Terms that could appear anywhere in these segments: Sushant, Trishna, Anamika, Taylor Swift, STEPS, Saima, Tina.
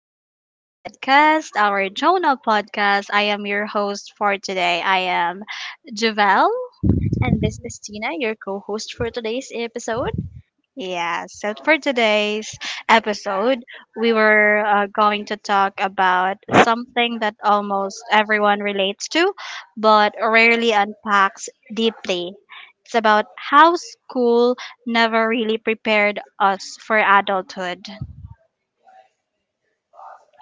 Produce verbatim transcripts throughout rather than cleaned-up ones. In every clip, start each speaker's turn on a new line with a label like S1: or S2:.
S1: to our podcast, our journal podcast. I am your host for today. I am Javelle.
S2: And this is Tina, your co host for today's episode.
S1: Yeah, so for today's episode, we were uh, going to talk about something that almost everyone relates to, but rarely unpacks deeply. It's about how school never really prepared us for adulthood.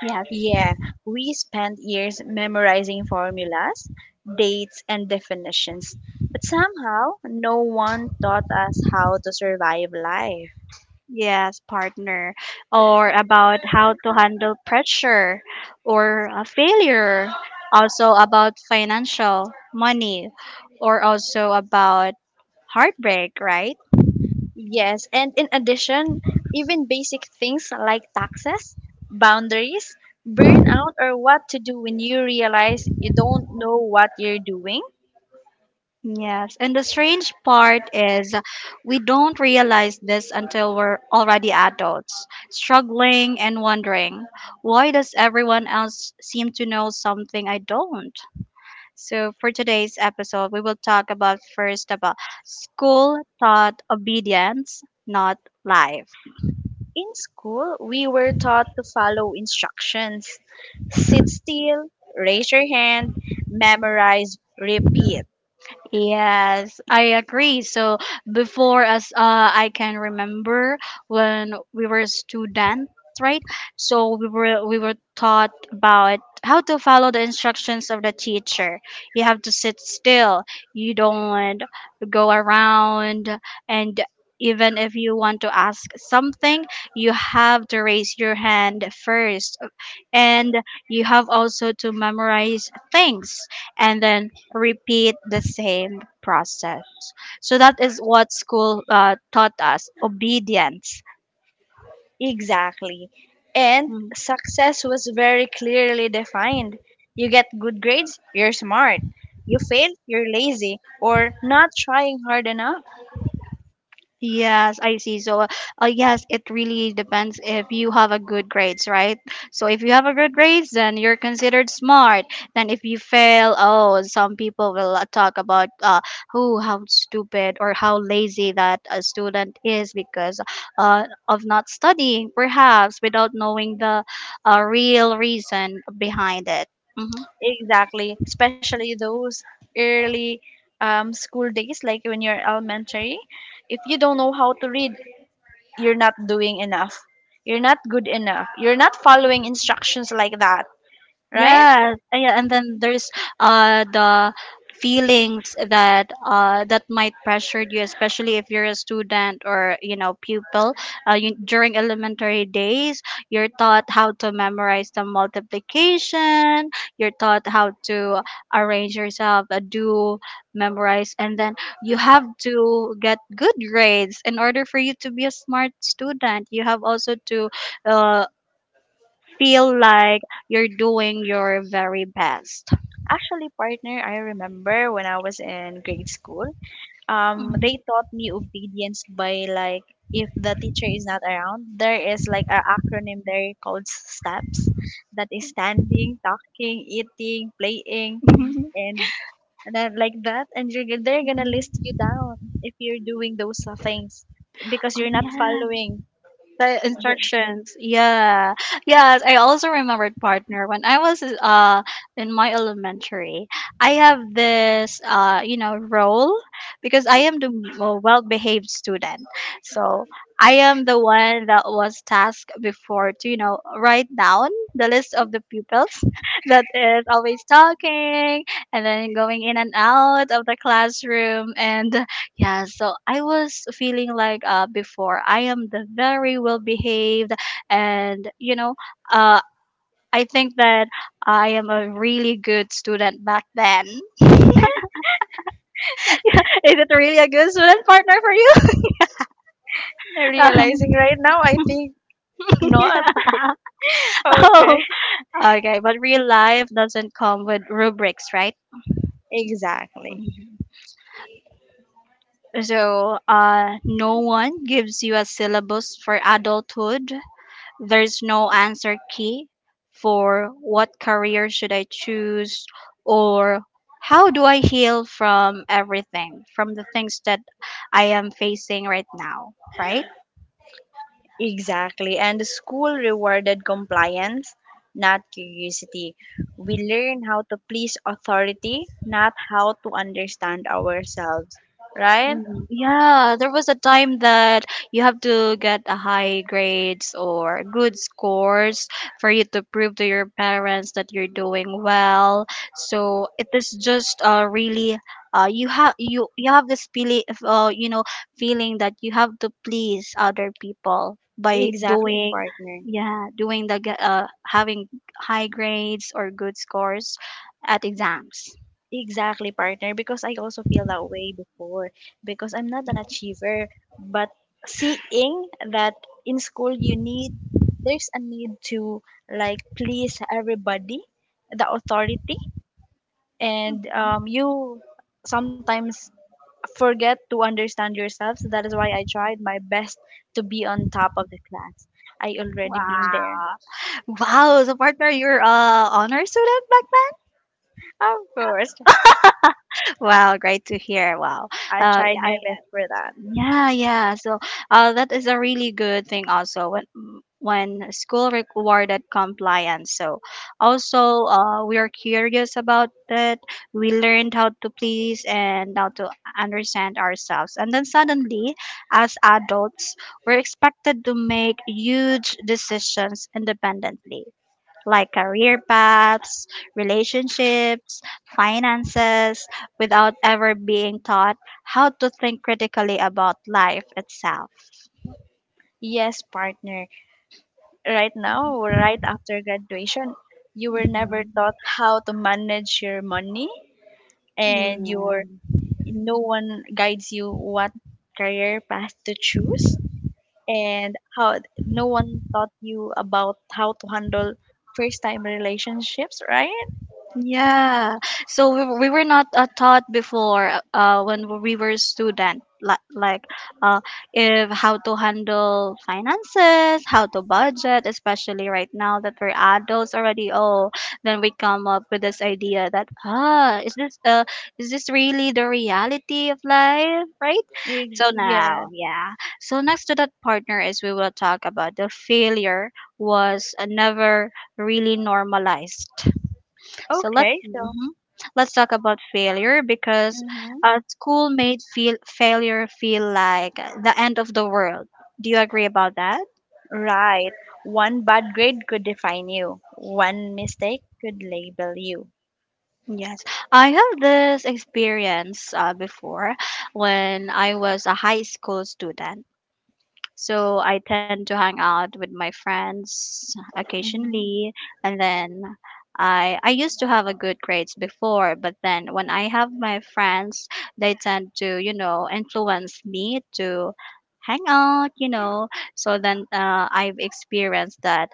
S1: Yeah.
S2: Yeah, we spent years memorizing formulas, dates, and definitions, but somehow no one taught us how to survive life.
S1: Yes, partner, or about how to handle pressure or a failure, also about financial money, or also about heartbreak, right?
S2: Yes, and in addition, even basic things like taxes, boundaries, burnout, or what to do when you realize you don't know what you're doing.
S1: Yes, and the strange part is we don't realize this until we're already adults, struggling and wondering, why does everyone else seem to know something I don't? So for today's episode, we will talk about first about school taught obedience, not life.
S2: In school, we were taught to follow instructions, sit still, raise your hand, memorize, repeat.
S1: Yes, I agree. So before us, uh, I can remember when we were students, right? So we were we were taught about how to follow the instructions of the teacher. You have to sit still. You don't go around, and even if you want to ask something, you have to raise your hand first, and you have also to memorize things, and then repeat the same process. So that is what school uh, taught us obedience.
S2: Exactly. And success was very clearly defined. You get good grades, you're smart. You fail, you're lazy or not trying hard enough.
S1: Yes, I see. So, uh, uh, yes, it really depends if you have a good grades, right? So, if you have a good grades, then you're considered smart. Then, if you fail, oh, some people will uh, talk about uh, who, how stupid or how lazy that a student is because uh, of not studying, perhaps without knowing the uh, real reason behind it. Mm-hmm.
S2: Exactly. Especially those early um, school days, like when you're elementary. If you don't know how to read, you're not doing enough. You're not good enough. You're not following instructions, like that, right?
S1: Yes, uh, yeah, and then there's uh the feelings that uh that might pressure you, especially if you're a student or you know pupil. Uh, you, during elementary days, you're taught how to memorize the multiplication. You're taught how to arrange yourself, uh, do memorize, and then you have to get good grades in order for you to be a smart student. You have also to uh, feel like you're doing your very best.
S2: Actually, partner, I remember when I was in grade school, um,
S1: Mhm.
S2: they taught me obedience by, like, if the teacher is not around, there is like an acronym there called STEPS, that is standing, talking, eating, playing, and and then like that, and you're, g- they're gonna list you down if you're doing those uh, things because
S1: Oh,
S2: you're not
S1: yeah.
S2: following
S1: The
S2: the
S1: instructions. Yeah. Yes, I also remembered partner when I was uh in my elementary. I have this uh you know role because I am the m- uh, well-behaved student. So I am the one that was tasked before to you know write down the list of the pupils that is always talking and then going in and out of the classroom, and yeah, so I was feeling like uh before I am the very well behaved, and you know uh I think that I am a really good student back then. Is it really a good student partner for you?
S2: Realizing
S1: Um,
S2: right now, I think not. Okay.
S1: oh, okay, but real life doesn't come with rubrics, right?
S2: Exactly.
S1: Mhm. So, uh, no one gives you a syllabus for adulthood. There's no answer key for what career should I choose or how do I heal from everything, from the things that I am facing right now, right?
S2: Exactly. And the school rewarded compliance, not curiosity. We learn how to please authority, not how to understand ourselves, right?
S1: Mm, yeah, there was a time that you have to get a high grades or good scores for you to prove to your parents that you're doing well. So it is just uh really, uh you have you you have this feeling uh you know feeling that you have to please other people by
S2: Exactly,
S1: doing,
S2: partner.
S1: yeah, doing the g- uh having high grades or good scores at exams.
S2: Exactly, partner, because I also feel that way before, because I'm not an achiever, but seeing that in school you need, there's a need to like please everybody, the authority, and
S1: Mhm.
S2: um, you sometimes forget to understand yourself. So that is why I tried my best to be on top of the class. I already been there.
S1: Wow. Wow, so partner, you're a honor student back then?
S2: Of course,
S1: Wow, great to hear. Wow.
S2: I
S1: Uh,
S2: tried my
S1: I
S2: best for that.
S1: Yeah, yeah. So uh, that is a really good thing also when when school rewarded compliance. So also uh, we are curious about it. We learned how to please and how to understand ourselves. And then suddenly, as adults, we're expected to make huge decisions independently like career paths, relationships, finances, without ever being taught how to think critically about life itself.
S2: Yes, partner. Right now, right after graduation, you were never
S1: Mhm.
S2: taught how to manage your money and
S1: Yeah.
S2: your, no one guides you what career path to choose, and how no one taught you about how to handle first time relationships, right?
S1: Yeah. So we, we were not uh, taught before, uh, when we were student, li- like uh, if how to handle finances, how to budget, especially right now that we're adults already. Oh, then we come up with this idea that, ah, is this, uh, is this really the reality of life, right?
S2: Ex-
S1: So
S2: Yeah.
S1: now, yeah. So next to that, partner, is we will talk about the failure was uh, never really normalized, so let
S2: Okay, so,
S1: mhm. let's talk about failure because
S2: hmm,
S1: uh, school made feel failure feel like the end of the world. Do you agree about that?
S2: right. One bad grade could define you. One mistake could label you.
S1: Yes, I have this experience uh, before when I was a high school student. So I tend to hang out with my friends
S2: Mm-hmm.
S1: occasionally, and then I I used to have a good grades before, but then when I have my friends, they tend to, you know, influence me to hang out, you know. So then uh, I've experienced that.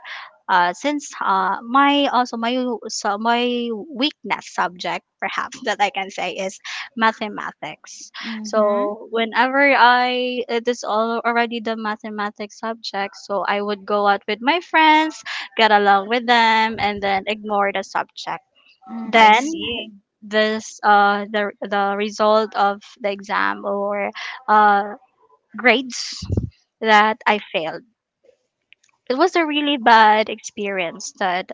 S1: uh, Since uh, my also my so my weakness subject, perhaps, that I can say, is mathematics.
S2: Mm-hmm.
S1: So whenever I it is all already the mathematics subject, so I would go out with my friends, get along with them, and then ignore the subject.
S2: Mm, I
S1: Then
S2: see.
S1: this uh the the result of the exam or uh grades that I failed. It was a really bad experience that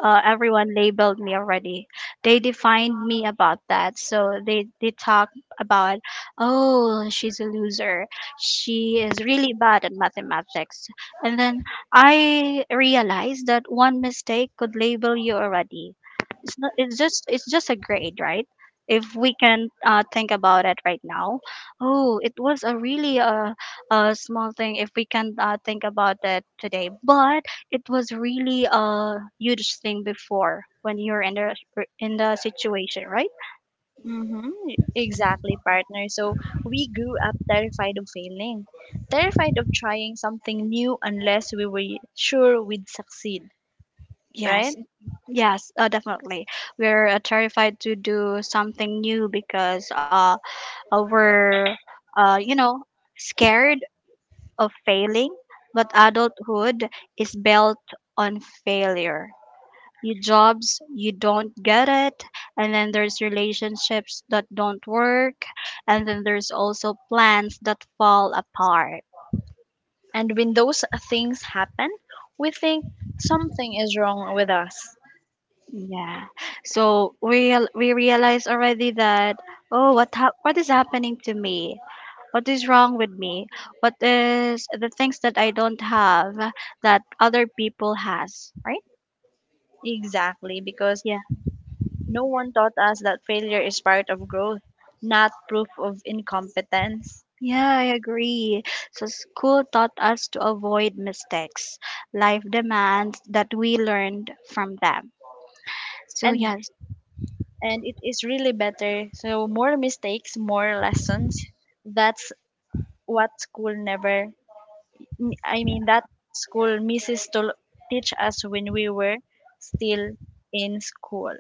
S1: uh, everyone labeled me already. They defined me about that. So they, they talk about, oh, she's a loser. She is really bad at mathematics. And then I realized that one mistake could label you already. It's not, it's just, it's just a grade, right? If we can uh, think about it right now, oh, it was a really uh, a small thing. If we can uh, think about it today, but it was really a huge thing before when you're in the in the situation, right?
S2: Mm-hmm. Exactly, partner. So we grew up terrified of failing, terrified of trying something new unless we were sure we'd succeed,
S1: Yes,
S2: right?
S1: yes, uh, definitely. We're uh, terrified to do something new because uh, uh, we're uh, you know scared of failing. But adulthood is built on failure. You Jobs you don't get it, and then there's relationships that don't work, and then there's also plans that fall apart.
S2: And when those things happen, we think something is wrong with us.
S1: Yeah. So we real- we realize already that, oh, what hap what is happening to me? What is wrong with me? What is the things that I don't have that other people has, right?
S2: Exactly, because
S1: Yeah.
S2: no one taught us that failure is part of growth, not proof of incompetence.
S1: Yeah, I agree. So school taught us to avoid mistakes. Life demands that we learned from them. So
S2: And
S1: yes,
S2: and it is really better. So more mistakes, more lessons, that's what school never, m- I mean, that school misses to teach us when we were still in school.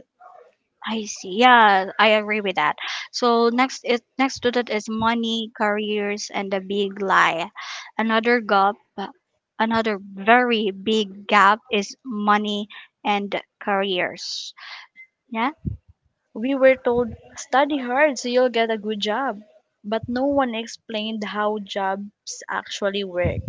S1: I see. Yeah, I agree with that. So next is next to that is money, careers, and the big lie. Another gap, another very big gap, is money and careers. Yeah,
S2: We were told, study hard so you'll get a good job. But no one explained how jobs actually work,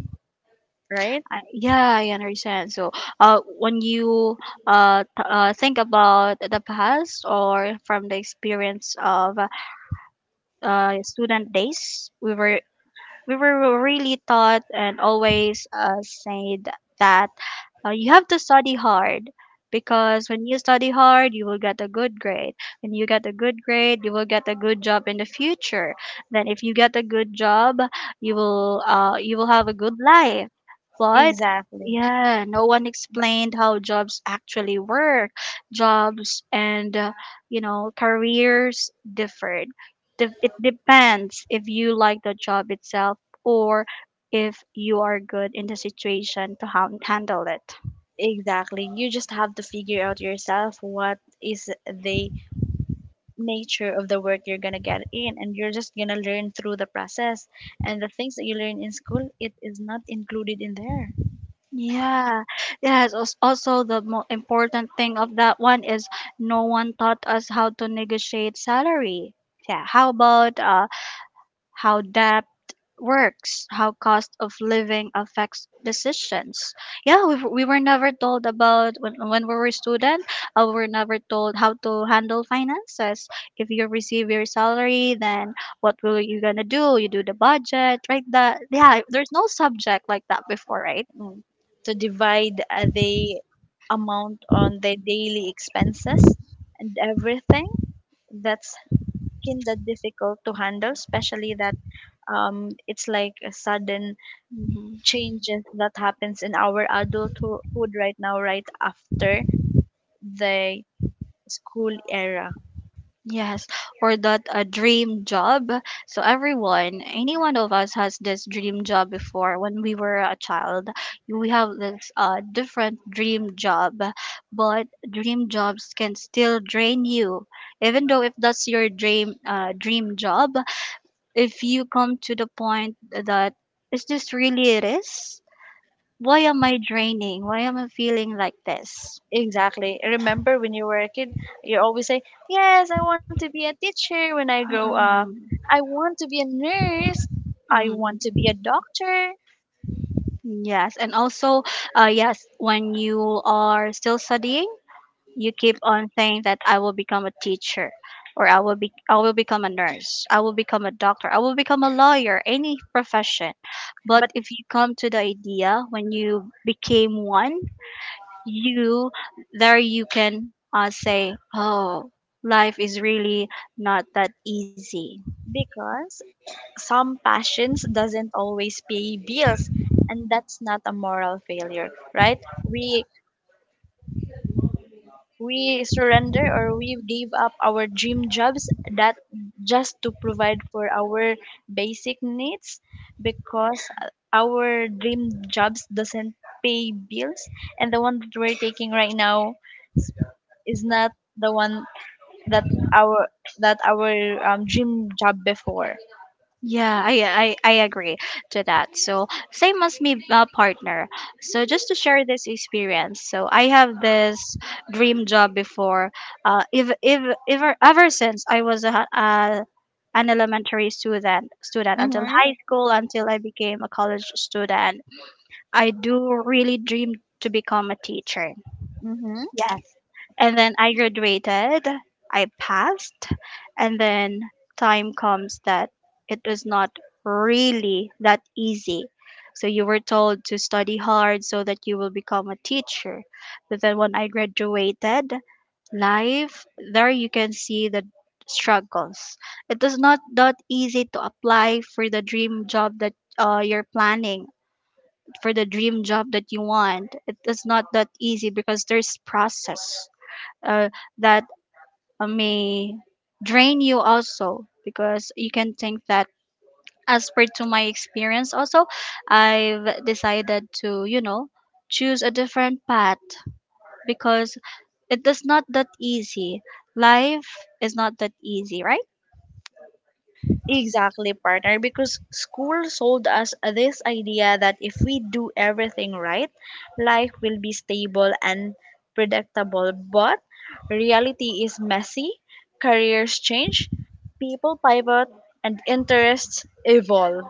S2: right?
S1: I, yeah, I understand. So, uh, when you uh, t- uh think about the past or from the experience of uh student days, we were we were really taught and always uh, said that uh, you have to study hard, because when you study hard you will get a good grade, when you get a good grade you will get a good job in the future, then if you get a good job you will uh, you will have a good life. But,
S2: Exactly.
S1: yeah, no one explained how jobs actually work. Jobs and uh, you know careers differed. Dep- it depends if you like the job itself, or if you are good in the situation to han- handle it.
S2: Exactly. You just have to figure out yourself what is the nature of the work you're going to get in, and you're just going to learn through the process, and the things that you learn in school, it is not included in there.
S1: Yeah, yes. als- Also, the most important thing of that one is, no one taught us how to negotiate salary. Yeah, how about uh, how debt works, how cost of living affects decisions. Yeah, we, we were never told about, when, when we were student, uh, we were never told how to handle finances. If you receive your salary, then what will you gonna do? You do the budget, right? That Yeah, there's no subject like that before, right?
S2: Mm, to divide uh, the amount on their daily expenses and everything, that's kind of difficult to handle, especially that um, it's like a sudden changes that happens in our adulthood right now, right after the school era.
S1: Yes, or that a dream job. So everyone, any one of us has this dream job before when we were a child. We have this uh, different dream job, but dream jobs can still drain you. Even though if that's your dream uh, dream job, if you come to the point that, is this really it is? Why am I draining? Why am I feeling like this?
S2: Exactly, remember when you were a kid, you always say, yes, I want to be a teacher when I grow up,
S1: Mm,
S2: I want to be a nurse, I want to
S1: mm.
S2: be a doctor,
S1: Yes, and also, uh, yes, when you are still studying, you keep on saying that I will become a teacher, or I will be, I will become a nurse, I will become a doctor, I will become a lawyer, any profession. But if you come to the idea when you became one, you there you can uh, say, oh, life is really not that easy.
S2: because some passions doesn't always pay bills, and that's not a moral failure, right? We we surrender, or we give up our dream jobs, that, just to provide for our basic needs, because our dream jobs doesn't pay bills, and the one that we're taking right now is not the one that our, that our um, dream job before.
S1: Yeah, I, I, I agree to that. So same as me, uh, partner. So just to share this experience. So I have this dream job before. Uh, if if ever ever since I was a uh, an elementary student student until
S2: Mm-hmm.
S1: high school until I became a college student, I do really dream to become a teacher.
S2: Mm-hmm.
S1: Yes, and then I graduated, I passed, and then time comes that it is not really that easy. So you were told to study hard so that you will become a teacher. But then when I graduated, life, there you can see the struggles. It is not that easy to apply for the dream job that uh, you're planning, for the dream job that you want. It is not that easy because there's process uh, that uh, may drain you also because you can think that as per to my experience also I've decided to you know choose a different path because it is not that easy, life is not that easy, right?
S2: Exactly, partner, because school sold us this idea that if we do everything right, life will be stable and predictable. But reality is messy, careers change, people pivot, and interests evolve.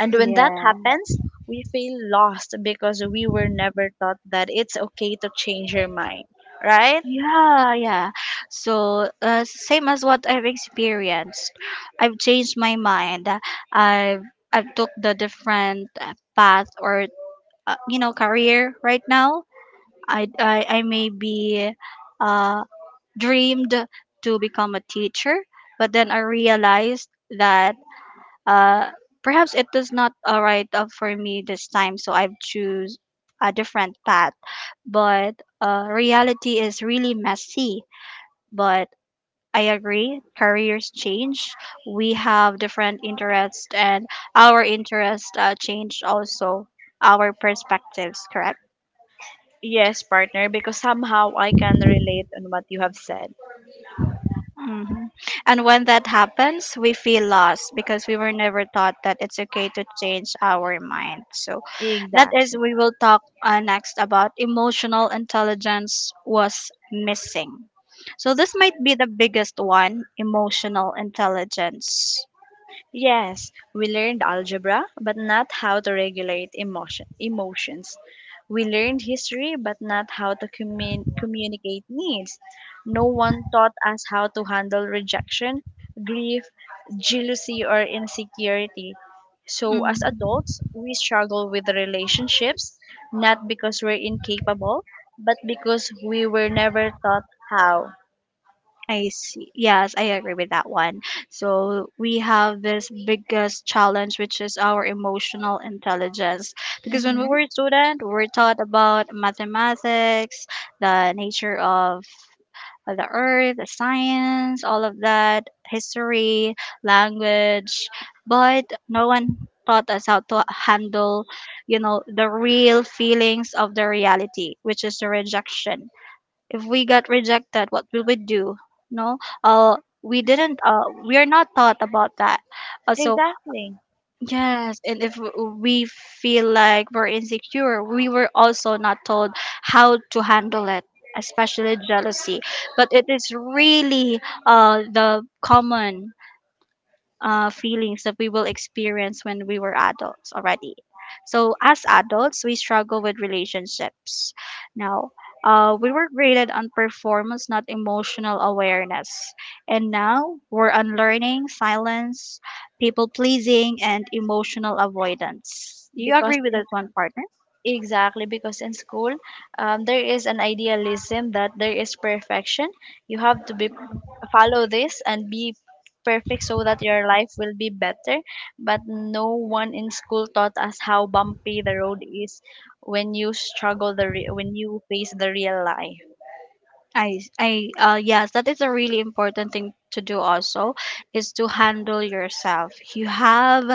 S2: And when that
S1: yeah
S2: happens, we feel lost because we were never taught that it's okay to change your mind, right?
S1: yeah yeah so uh, same as what I've experienced, I've changed my mind. I've i've took the different uh, path or uh, you know career right now. I i, I may be uh, dreamed to become a teacher, but then I realized that uh, perhaps it is not all right uh, for me this time, so I've choose a different path. But uh, reality is really messy, but I agree, careers change, we have different interests, and our interests uh, change also, our perspectives, correct?
S2: Yes, partner, because somehow I can relate on what you have said.
S1: Hmm. And when that happens, we feel lost because we were never taught that it's okay to change our mind. So that is,
S2: Exactly.
S1: we will talk uh, next about emotional intelligence was missing. So this might be the biggest one, emotional intelligence.
S2: Yes, we learned algebra, but not how to regulate emotion, emotions. We learned history, but not how to commun- communicate needs. No one taught us how to handle rejection, grief, jealousy, or insecurity. So, as
S1: Mm.
S2: adults, we struggle with relationships, not because we're incapable, but because we were never taught how.
S1: I see. Yes, I agree with that one. So we have this biggest challenge, which is our emotional intelligence. Because when we
S2: Hmm.
S1: were a student, we were taught about mathematics, the nature of of the earth, the science, all of that, history, language, but no one taught us how to handle, you know, the real feelings of the reality, which is the rejection. If we got rejected, what will we do? No, uh we didn't uh we are not taught about that, uh, so
S2: Exactly.
S1: yes. And if we feel like we're insecure, we were also not told how to handle it, especially jealousy. But it is really uh the common uh, feelings that we will experience when we were adults already. So, as adults, we struggle with relationships. Now, uh, we were graded on performance, not emotional awareness. And now we're unlearning silence, people pleasing, and emotional avoidance. Do you
S2: Because
S1: agree with
S2: in
S1: this one, partner?
S2: exactly, because in school, um, there is an idealism that there is perfection. You have to be, follow this, and be perfect so that your life will be better. But no one in school taught us how bumpy the road is when you struggle the re- when you face the real life.
S1: I I uh Yes, that is a really important thing to do also, is to handle yourself. You have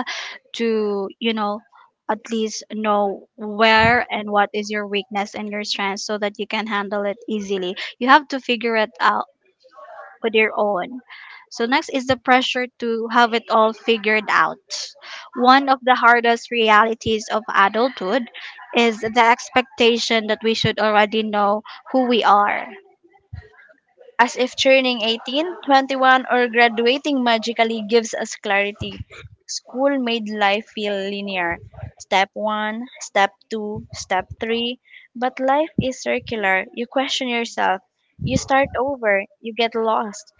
S1: to, you know, at least know where and what is your weakness and your strength so that you can handle it easily. You have to figure it out with your own. So next is the pressure to have it all figured out. One of the hardest realities of adulthood is the expectation that we should already know who we are.
S2: As if turning eighteen, twenty-one, or graduating magically gives us clarity. School made life feel linear. Step one, step two, step three. But life is circular. You question yourself. You start over. You get lost.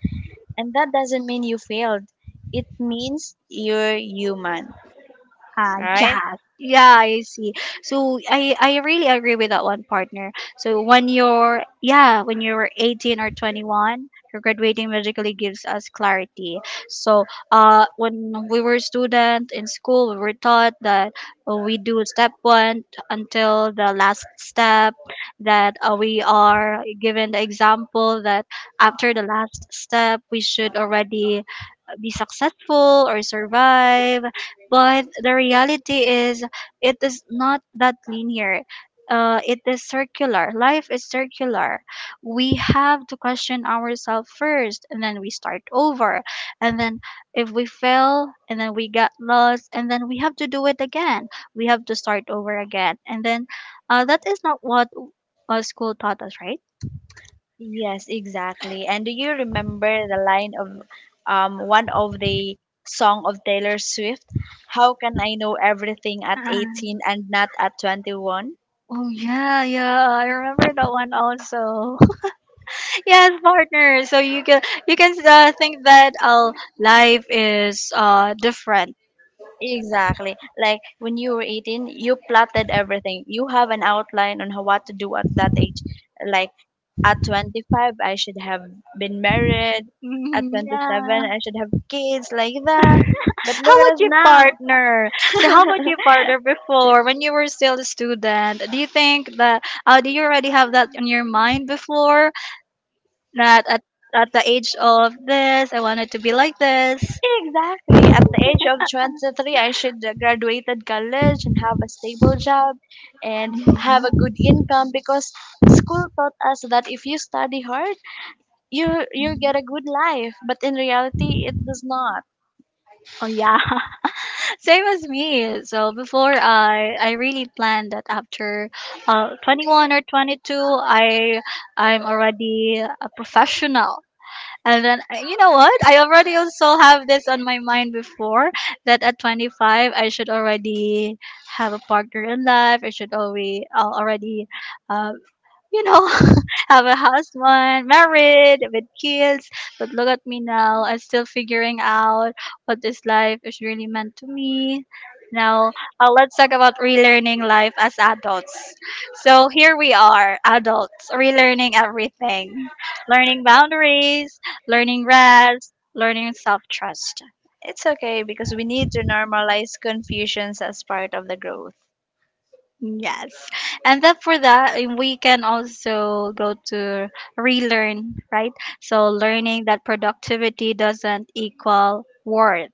S2: And that doesn't mean you failed. It means you're human,
S1: Ah,
S2: right?
S1: yes. Yeah, I see. So I I really agree with that one, partner. So when you're, yeah, when you're eighteen or twenty-one, your graduating magically gives us clarity. So uh when we were student in school, we were taught that uh, we do step one until the last step, that uh, we are given the example that after the last step, we should already be successful or survive. But the reality is, it is not that linear. Uh, it is circular. Life is circular. We have to question ourselves first, and then we start over. And then, if we fail, and then we got lost, and then we have to do it again. We have to start over again. And then, uh, that is not what uh, school taught us, right?
S2: Yes, exactly. And do you remember the line of um one of the song of Taylor Swift? How can I know everything at
S1: Uh,
S2: eighteen and not at twenty-one?
S1: Oh yeah, yeah. I remember that one also. Yes, partner. So you can, you can uh, think that uh, life is uh different.
S2: Exactly. Like when you were eighteen, you plotted everything. You have an outline on how, what to do at that age. Like at twenty-five, I should have been married. At
S1: Mhm,
S2: twenty-seven,
S1: yeah.
S2: I should have kids, like that. But
S1: How
S2: look at
S1: about
S2: us
S1: you,
S2: now.
S1: partner? So how about you, partner? Before when you were still a student, do you think that uh, do you already have that in your mind before that at, at the age of this I wanted to be like this?
S2: Exactly. At the age of twenty-three, I should have graduated college and have a stable job and have a
S1: Hmm.
S2: good income, because school taught us that if you study hard, you you get a good life. But in reality, it does not.
S1: Oh yeah. Same as me. So before I I really planned that after uh twenty-one or twenty-two I I'm already a professional. And then uh, you know what? I already also have this on my mind before that at twenty-five I should already have a partner in life. I should already already uh, you know, have a husband, married, with kids. But look at me now. I'm still figuring out what this life is really meant to me. Now, uh, let's talk about relearning life as adults. So here we are, adults, relearning everything, learning boundaries, learning rest, learning self trust.
S2: It's okay because we need to normalize confusions as part of the growth.
S1: Yes. And then for that, eh, we can also go to relearn, right? So learning that productivity doesn't equal worth.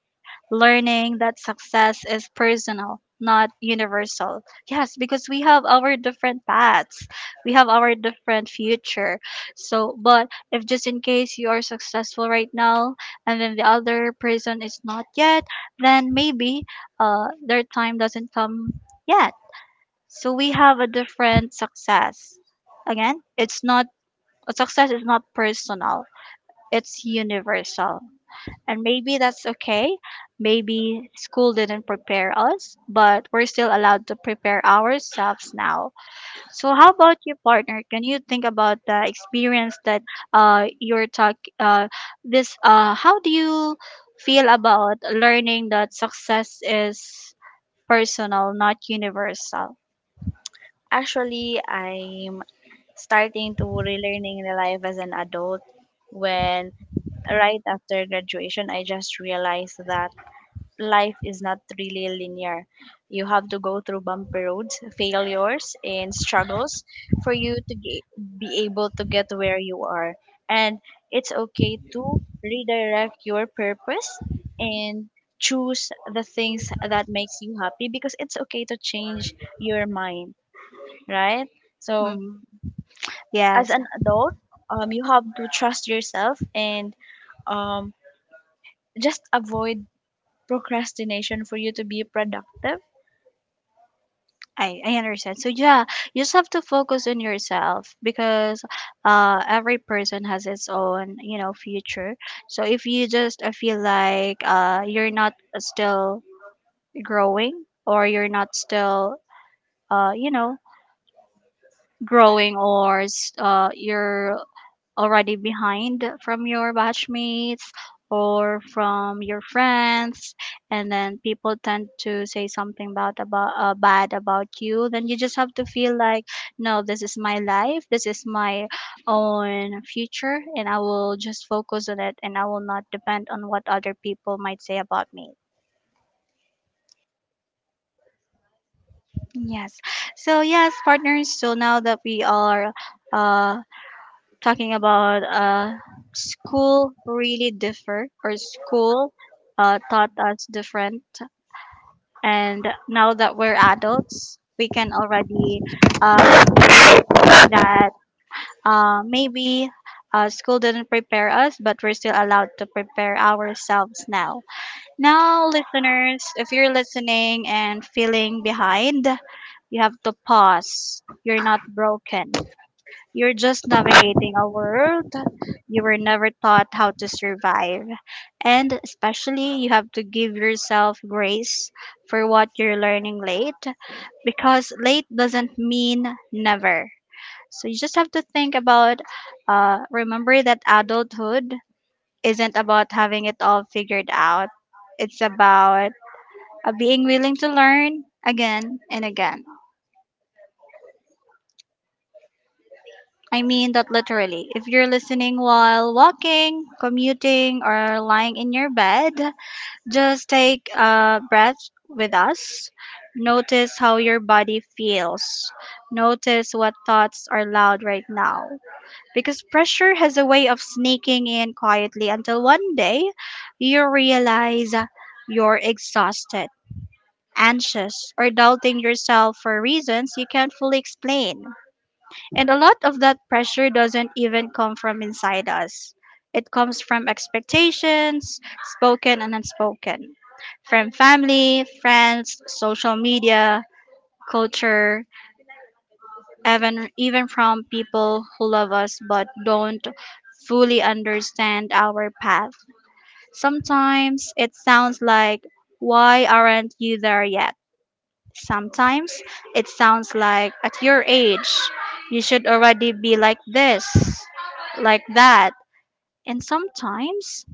S1: Learning that success is personal, not universal. Yes, because we have our different paths. We have our different future. So, but if just in case you are successful right now and then the other person is not yet, then maybe uh, their time doesn't come yet, so we have a different success. Again, it's not, a success is not personal. It's universal. And maybe that's okay. Maybe school didn't prepare us, but we're still allowed to prepare ourselves now. So how about you, partner? Can you think about the experience that uh you're talk uh this uh how do you feel about learning that success is personal, not universal?
S2: Actually, I'm starting to relearning the life as an adult when right after graduation, I just realized that life is not really linear. You have to go through bumpy roads, failures, and struggles for you to ge- be able to get where you are. And it's okay to redirect your purpose and choose the things that makes you happy, because it's okay to change your mind, right? So
S1: Mm.
S2: as
S1: Yes,
S2: an adult, um, you have to trust yourself and um, just avoid procrastination for you to be productive.
S1: I, I understand. So yeah, you just have to focus on yourself because uh every person has its own, you know, future. So if you just uh, feel like uh you're not still growing, or you're not still uh you know growing, or s- uh you're already behind from your batchmates or from your friends, and then people tend to say something about about uh, bad about you, then you just have to feel like, no, this is my life, this is my own future, and I will just focus on it and I will not depend on what other people might say about me. Yes. So yes, partners, so now that we are uh talking about uh, school really differ, or school uh, taught us different, and now that we're adults we can already uh, say that uh, maybe uh, school didn't prepare us, but we're still allowed to prepare ourselves now. Now listeners, if you're listening and feeling behind, you have to pause, you're not broken, you're just navigating a world you were never taught how to survive. And especially, you have to give yourself grace for what you're learning late, because late doesn't mean never. So you just have to think about, uh, remember that adulthood isn't about having it all figured out. It's about uh, being willing to learn again and again. I mean that literally. If you're listening while walking, commuting, or lying in your bed, just take a breath with us. Notice how your body feels. Notice what thoughts are loud right now. Because pressure has a way of sneaking in quietly until one day you realize you're exhausted, anxious, or doubting yourself for reasons you can't fully explain. And a lot of that pressure doesn't even come from inside us. It comes from expectations, spoken and unspoken, from family, friends, social media, culture, even, even from people who love us but don't fully understand our path. Sometimes it sounds like, why aren't you there yet? Sometimes it sounds like, at your age, you should already be like this, like that. And sometimes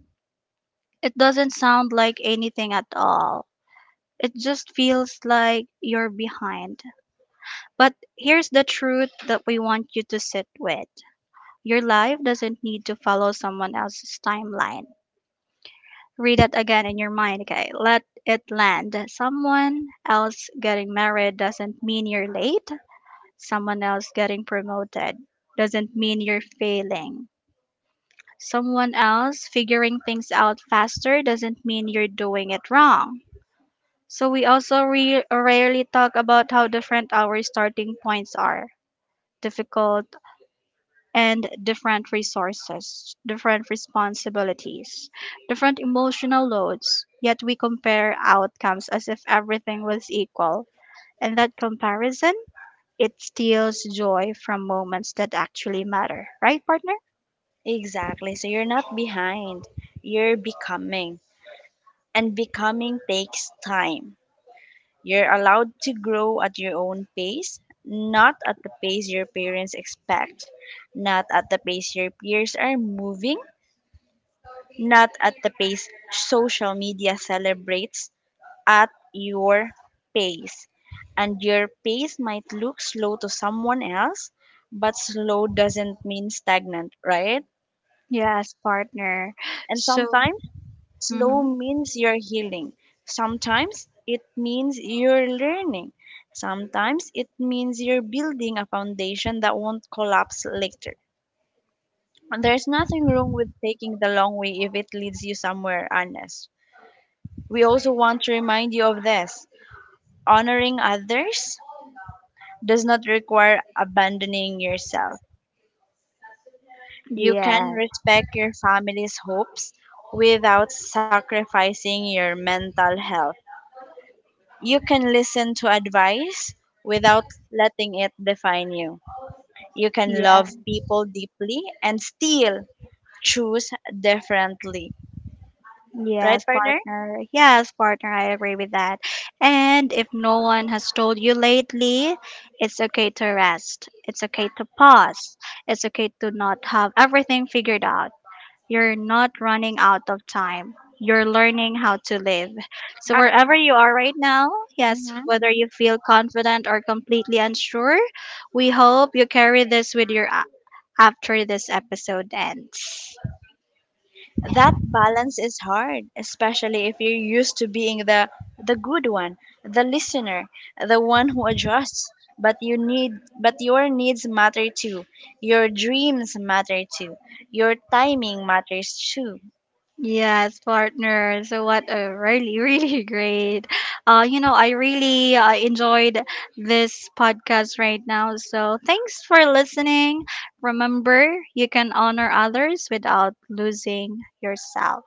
S1: it doesn't sound like anything at all. It just feels like you're behind. But here's the truth that we want you to sit with: your life doesn't need to follow someone else's timeline. Read that again in your mind, okay? Let it land. Someone else getting married doesn't mean you're late. Someone else getting promoted doesn't mean you're failing. Someone else figuring things out faster doesn't mean you're doing it wrong. So we also re- rarely talk about how different our starting points are, difficult and different resources, different responsibilities, different emotional loads, yet we compare outcomes as if everything was equal. And that comparison, it steals joy from moments that actually matter, right, partner?
S2: Exactly. So you're not behind, you're becoming. And becoming takes time. You're allowed to grow at your own pace, not at the pace your parents expect, not at the pace your peers are moving, not at the pace social media celebrates, at your pace. And your pace might look slow to someone else, but slow doesn't mean stagnant, right?
S1: Yes, partner.
S2: And
S1: So,
S2: sometimes, slow
S1: mhm.
S2: means you're healing. Sometimes it means you're learning. Sometimes it means you're building a foundation that won't collapse later. And there's nothing wrong with taking the long way if it leads you somewhere honest. We also want to remind you of this: honoring others does not require abandoning yourself. You can
S1: Yeah,
S2: respect your family's hopes without sacrificing your mental health. You can listen to advice without letting it define you. You can
S1: yeah,
S2: love people deeply and still choose differently. Right,
S1: yes,
S2: partner?
S1: partner. Yes, partner, I agree with that. And if no one has told you lately, it's okay to rest. It's okay to pause. It's okay to not have everything figured out. You're not running out of time. You're learning how to live. So, wherever you are right now, yes,
S2: Hmm.
S1: whether you feel confident or completely unsure, we hope you carry this with you a- after this episode ends.
S2: That balance is hard, especially if you're used to being the the good one, the listener, the one who adjusts. But you need but your needs matter too. Your dreams matter too. Your timing matters too.
S1: Yes, partner. So what a really, really great. Uh, you know, I really uh, enjoyed this podcast right now. So thanks for listening. Remember, you can honor others without losing yourself.